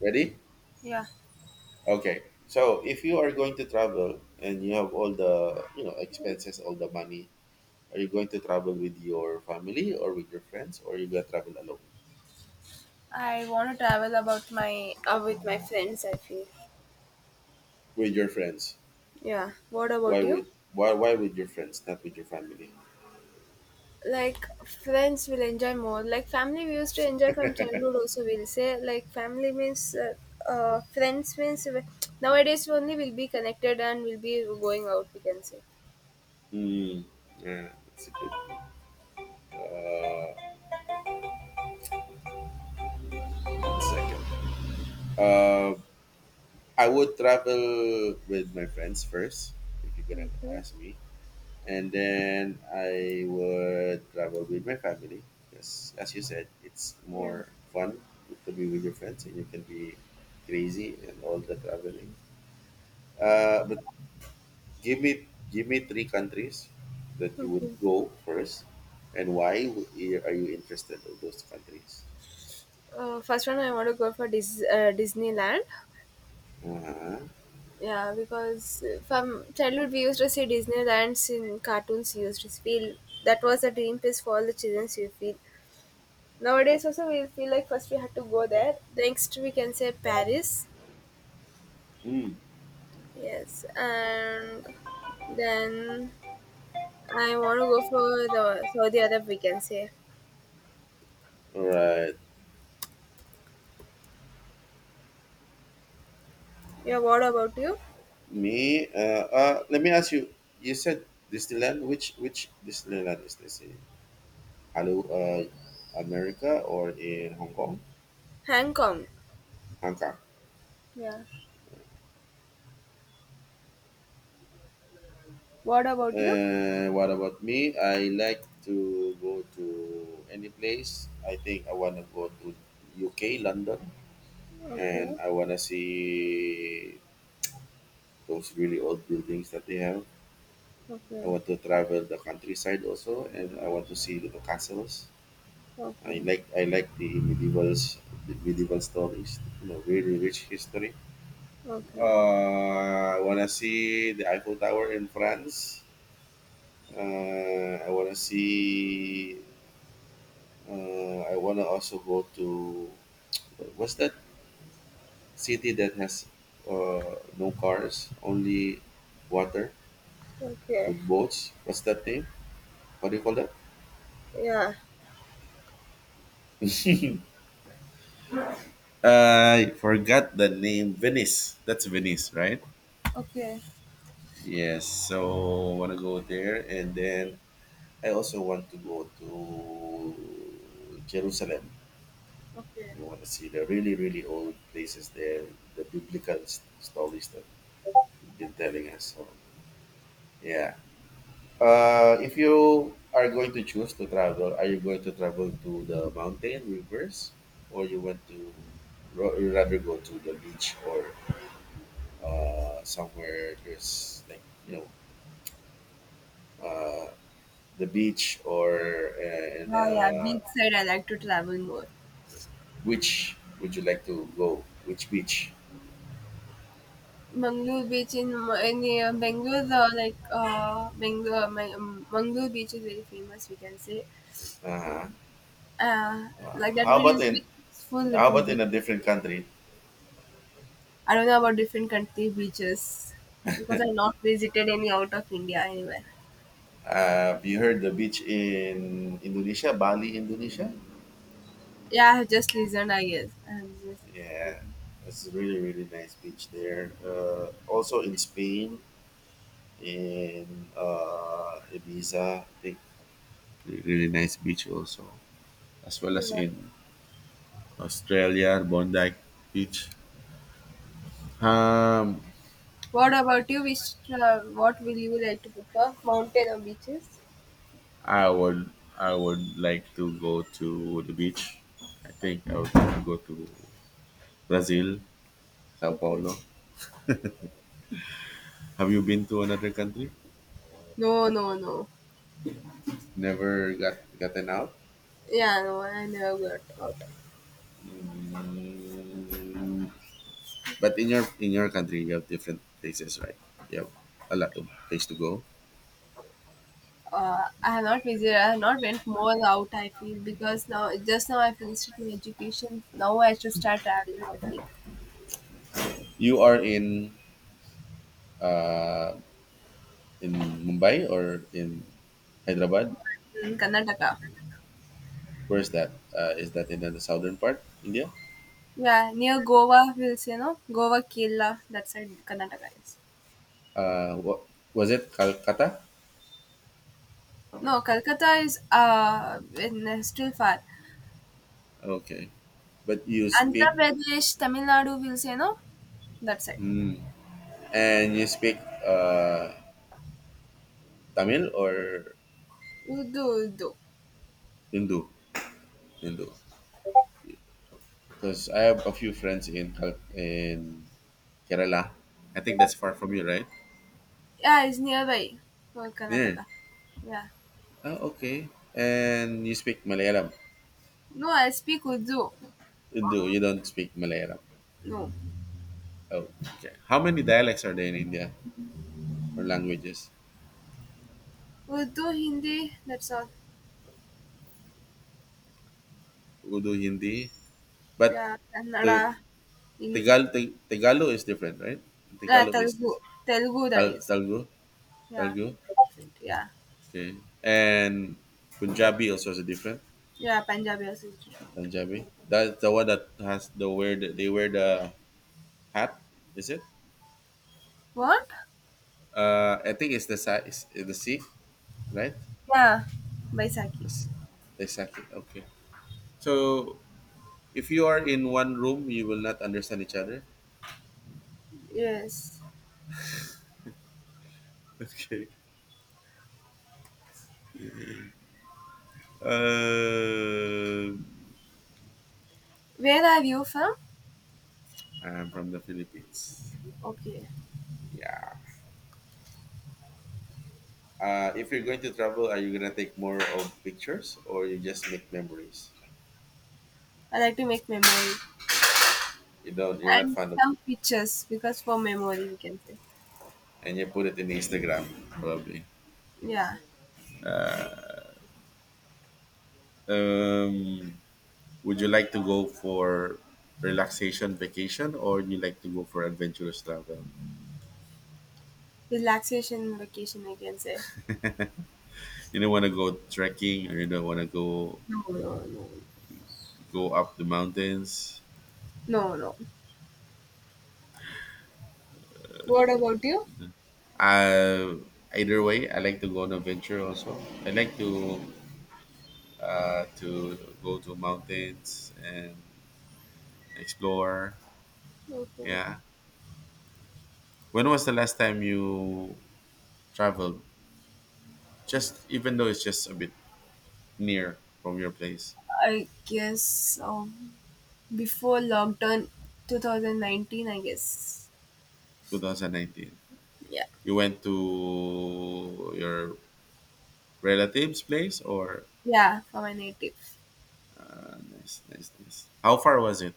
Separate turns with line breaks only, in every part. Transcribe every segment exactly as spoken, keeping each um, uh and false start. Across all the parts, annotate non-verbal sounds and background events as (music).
Ready?
Yeah,
Okay. So if you are going to travel and you have all the you know expenses, all the money, are you going to travel with your family or with your friends, or you gonna travel alone?
I want to travel about my uh, with my friends. I feel.
With your friends.
Yeah. What about
Why
you?
with why why with your friends, not with your family?
Like, friends will enjoy more. Like, family, we used to enjoy from childhood also, we'll say. Like, family means uh, uh, friends means we- nowadays only we'll be connected and we'll be going out, we can say.
Hmm. Yeah, that's a good. Uh, One second. Uh, I would travel with my friends first. If you're gonna
Okay.
ask me, and then I would travel with my family because, as you said, it's
Yeah.
more fun to be with your friends, and you can be crazy and all the traveling. Uh, but give me give me three countries that you would
Okay.
go first, and why would- are you interested in those countries?
Uh, first one, I want to go for Dis- uh, Disneyland.
Uh-huh.
Yeah, because from childhood we used to see Disneylands in cartoons. We used to feel that was a dream place for all the children. We feel nowadays also, we feel like first we had to go there. Next we can say Paris.
Mm.
Yes, and then I want to go for the Saudi Arab, we can say.
All right.
Yeah. What about you?
Me. Uh, uh. Let me ask you. You said Disneyland. Which which Disneyland is this? Hello, uh, America or in Hong Kong,
Hong Kong.
Hong Kong.
Yeah. What about you?
Uh, what about me? I like to go to any place. I think I want to go to U K, London,
Okay.
and I want to see those really old buildings that they have. I
Okay.
want to travel the countryside also, and I want to see the castles. I
Okay.
like I like the medievals, the medieval stories. You know, really rich history.
Okay.
Uh, I wanna see the Eiffel Tower in France. Uh, I wanna see. Uh, I wanna also go to what's that city that has uh, no cars, only water
Okay.
with boats. What's that name? What do you call that?
Yeah.
I forgot the name. Venice. That's Venice, right?
Okay.
Yes. So I wanna go there, and then I also want to go to Jerusalem.
Okay.
You want to see the really, really old places there, the biblical s- stories that you've been telling us. So, yeah. Uh, if you are going to choose to travel, are you going to travel to the mountain rivers, or you want to ro- you rather go to the beach or uh, somewhere there's like you know uh, the beach or uh, and
Yeah, yeah.
uh,
Beach side, I like to travel more.
which would you like to go? Which beach?
Mangalore beach in in uh, Bangalore, uh, like uh, Bangalore, my, um, Mangalore beach is very famous, we can say.
Uh-huh.
Uh,
Uh,
like that
How
beach
about
is
in
full, it
how
will
about
be.
in a different country?
I don't know about different country beaches because I've not visited any out of India anywhere.
Have you heard the beach in Indonesia, Bali, Indonesia?
Yeah, I have just listened, I guess. I have just
Yeah, it's a really, really nice beach there. Uh, also in Spain, in uh, Ibiza, I think re- really nice beach also, as well
listened.
as
Yeah.
in Australia, Bondi Beach. Um,
What about you? Which uh, what will you like to prefer? Mountain or beaches?
I would, I would like to go to the beach. I think I would like to go to Brazil, Sao
Okay.
Paulo. Have you been to another country?
No, no, no.
Never got gotten out?
Yeah, no, I never got out. Okay.
But in your in your country, you have different places, right? You have a lot of place to go.
Uh, I have not visited. I have not went more out, I feel, because now, just now, I finished my education. Now I should start traveling, I feel.
You are in uh, in Mumbai or in Hyderabad.
In Karnataka.
Where is that? Uh, is that in the southern part, India?
Yeah, near Goa, we'll say, no. Goa, Kerala, that side Karnataka is.
Uh, what was it? Calcutta.
No, Calcutta is uh in, uh, still far.
Okay, but you
Andhra
speak
Pradesh, Tamil Nadu, we'll say, no. That side.
mm, and you speak uh, Tamil or
Urdu, Urdu.
Hindu. Hindu. Because I have a few friends in Cal- in Kerala. I think that's far from you, right?
Yeah, it's nearby. For
Near.
Karnataka. Yeah.
Oh, okay. And you speak Malayalam.
No, I speak Urdu.
You do. You don't speak Malayalam.
No.
Oh, okay. How many dialects are there in India or languages?
Urdu, Hindi, that's all.
Urdu, Hindi. But
Yeah, Kannada,
the
in,
Tagal, Tag- Tagalog is different, right?
yeah,
Tagalog is
Telugu, Telugu that
Tal-
is.
Telugu.
Yeah,
Telugu.
different. Yeah,
Okay. And Punjabi also is different.
yeah, Punjabi also is different.
Punjabi. That's the one that has the wear the, they wear the hat. Is it?
What?
Uh, I think it's the size, the Sikh, right?
Yeah, Baisakhi.
Yes, exactly. Okay. So if you are in one room, you will not understand each other. (laughs)
Yes.
Okay. Uh,
Where are you from?
I'm from the Philippines.
Okay,
Yeah. Uh, if you're going to travel, are you gonna take more of pictures or you just make memories?
I like to make memories
You don't. You're not
and
fond of,
some pictures because for memory, we can say.
And you put it in Instagram probably.
Yeah,
Um, would you like to go for relaxation vacation or you like to go for adventurous travel?
relaxation vacation I can say.
You don't want to go trekking or you don't want to go
No, no, no,
go up the mountains.
no, no. What about you?
Uh, Either way, I like to go on adventure also. I like to uh, to go to mountains and explore.
Okay.
Yeah. When was the last time you traveled? Just even though it's just a bit near from your place,
I guess um, before lockdown two thousand nineteen, I guess.
twenty nineteen.
Yeah.
You went to your relatives' place or
Yeah, for my native.
nice, nice, nice. How far was it?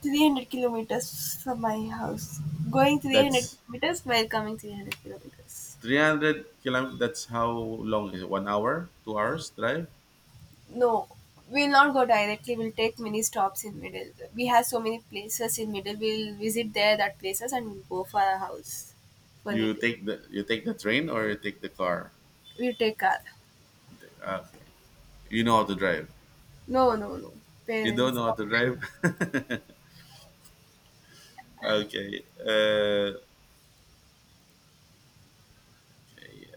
three hundred kilometers from my house. Going three hundred
That's
kilometers, while coming three hundred kilometers.
three hundred kilometers, that's how long is it, one hour two hours drive?
No, we'll not go directly, we'll take many stops in middle. We have so many places in middle, we'll visit there, that places, and we'll go for our house, for
You
native.
take the you take the train or you take the car?
We'll take car.
Okay. You know how to drive?
No, no, no.
You don't
Parents
know how
not
to drive.
driving.
(laughs) Okay. uh,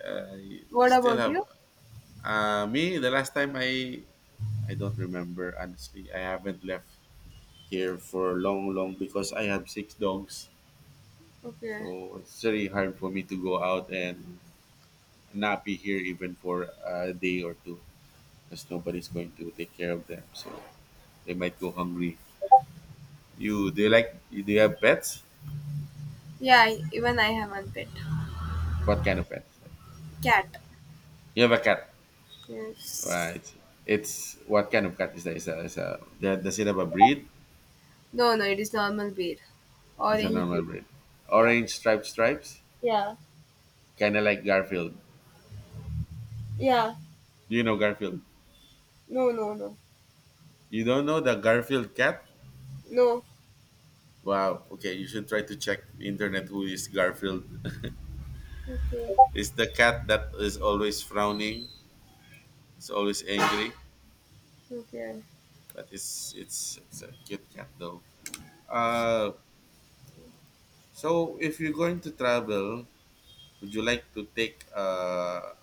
I
What
still
about
have
you?
uh, Me, the last time, i i don't remember, honestly. I haven't left here for long long because I have six dogs,
Okay.
so it's very hard for me to go out and not be here even for a day or two because nobody's going to take care of them, so they might go hungry. You do you like you, Do you have pets?
Yeah, I, even I have one pet.
What kind of pets? Like,
Cat.
you have a cat,
Yes.
right? It's what kind of cat is that? Is a, is a that, does it have a breed?
No, no, it is normal beer.
It's a
Orange beer.
normal breed.
Yeah.
Orange striped stripes,
Yeah,
kind of like Garfield.
yeah.
Do you know Garfield?
No, no, no.
You don't know the Garfield cat?
No.
Wow. Okay, you should try to check the internet who is Garfield. (laughs)
Okay.
It's the cat that is always frowning. It's always angry,
Okay.
but it's it's it's a cute cat though. Uh, so if you're going to travel, would you like to take uh,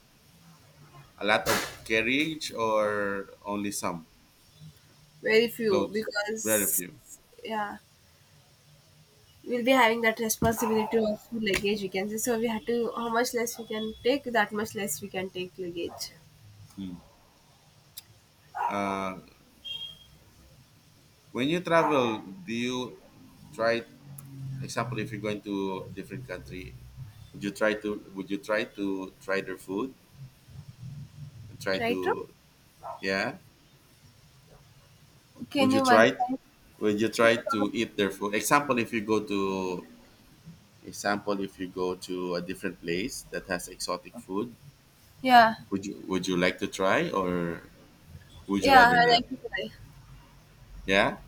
a lot of carriage or only some
Very few,
clothes? Very
because,
few.
yeah, we'll be having that responsibility of luggage, we can say. So we had to, how much less we can take, that much less we can take luggage.
Mm. When you travel, do you try, example, if you're going to a different country, would you try to would you try to try their food and try
Try to,
to, yeah? Would
can
you
you
try
one,
would you
can
try
you
to
come-?
eat their food? Example, if you go to example, if you go to a different place that has exotic food,
Yeah.
Would you would you like to try or would you
Yeah,
rather
I
not?
like to try.
Yeah.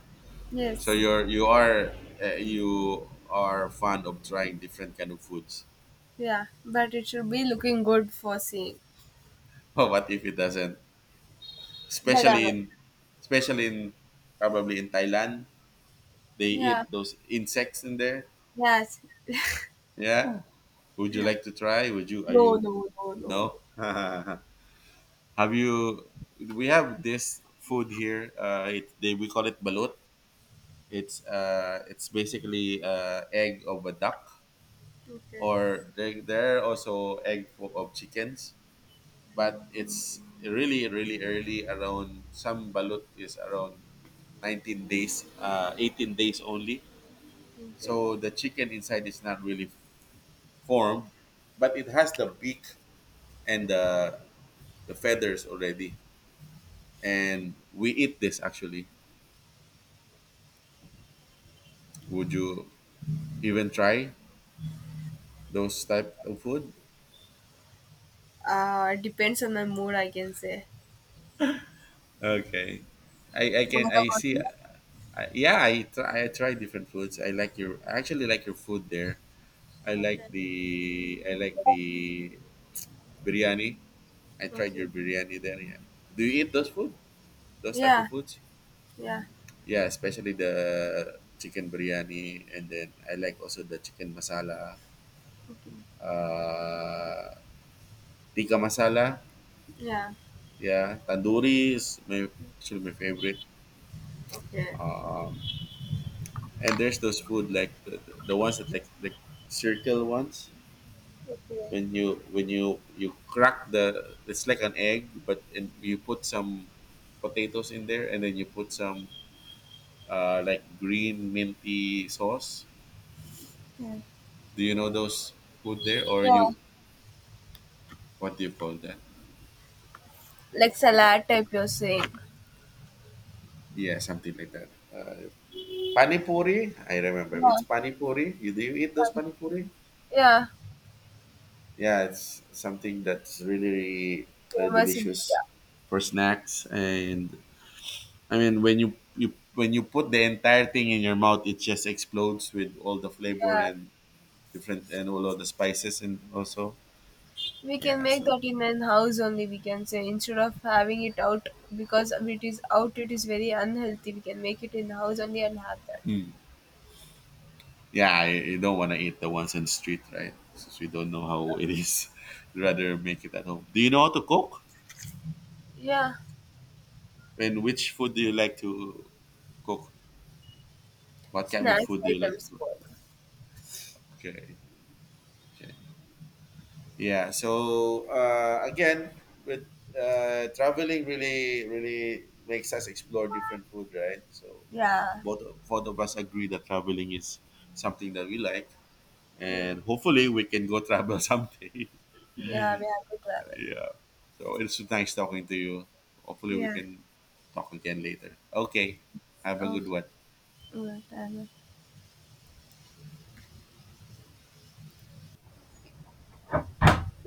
So
Yes.
you're you are uh, you are fond of trying different kind of foods. (laughs)
Yeah. But it should be looking good for seeing.
Oh, what if it doesn't?
That I
Especially
know.
in Especially in probably in Thailand, they
Yeah.
eat those insects in there.
Yes.
Yeah. Would you
Yeah.
like to try? Would you? Are
No,
you?
no, no, no, no.
No. (laughs) Have you? We have this food here. Uh, it, they we call it balut. It's uh, it's basically uh, egg of a duck.
Okay.
Or there, there are also egg full of chickens, but it's really really early around, some balut is around nineteen days, uh, eighteen days only,
Okay.
so the chicken inside is not really formed, but it has the beak and the, the feathers already, and we eat this actually. Would you even try those type of food?
Uh, depends on my mood, I can say.
Okay, I I
What
can I
about
see.
you?
I, yeah, I try I try different foods. I like your I actually like your food there. I
Okay.
like the I like the biryani. I tried
Okay.
your biryani there. Yeah. Do you eat those food? Those type of
Yeah.
foods?
Yeah.
Yeah, especially the chicken biryani, and then I like also the chicken masala,
Okay.
uh, tikka masala.
Yeah.
Yeah, tandoori is my actually my favorite.
Okay.
And there's those food like the, the ones that like the circle ones
Okay.
when you when you you crack the, it's like an egg but, and you put some potatoes in there and then you put some uh, like green minty sauce.
Yeah.
Do you know those food there or you,
Yeah.
what do you call that?
Like
Okay.
salad type you're saying.
Yeah, something like that. Uh, panipuri I remember
Yeah,
it's Panipuri, you do you eat those
curry.
panipuri?
Yeah.
Yeah, it's something that's really really uh,
Famous in
delicious
India.
for snacks. And I mean, when you, you when you put the entire thing in your mouth, it just explodes with all the flavor
Yeah.
and different and all of the spices, and also
We can
yeah.
make
So
that in an house only, we can say, instead of having it out, because if it is out it is very unhealthy. We can make it in house only and have that.
yeah, you you don't want to eat the ones in the street, right? Since we don't know how it is, (laughs) rather make it at home. Do you know how to cook?
Yeah.
And which food do you like to cook? What kind of
Snacks
food do you like to
items
cook?
board.
Okay, okay. Yeah. So uh, again, with uh, traveling, really, really makes us explore different food, right? So
Yeah.
both both of us agree that traveling is something that we like,
Yeah.
and hopefully we can go travel (laughs) someday.
Yeah, we have to travel.
Yeah. So it's nice talking to you. Hopefully we
Yeah.
can talk again later. Okay. Have a
Oh,
good one.
yeah. Travel.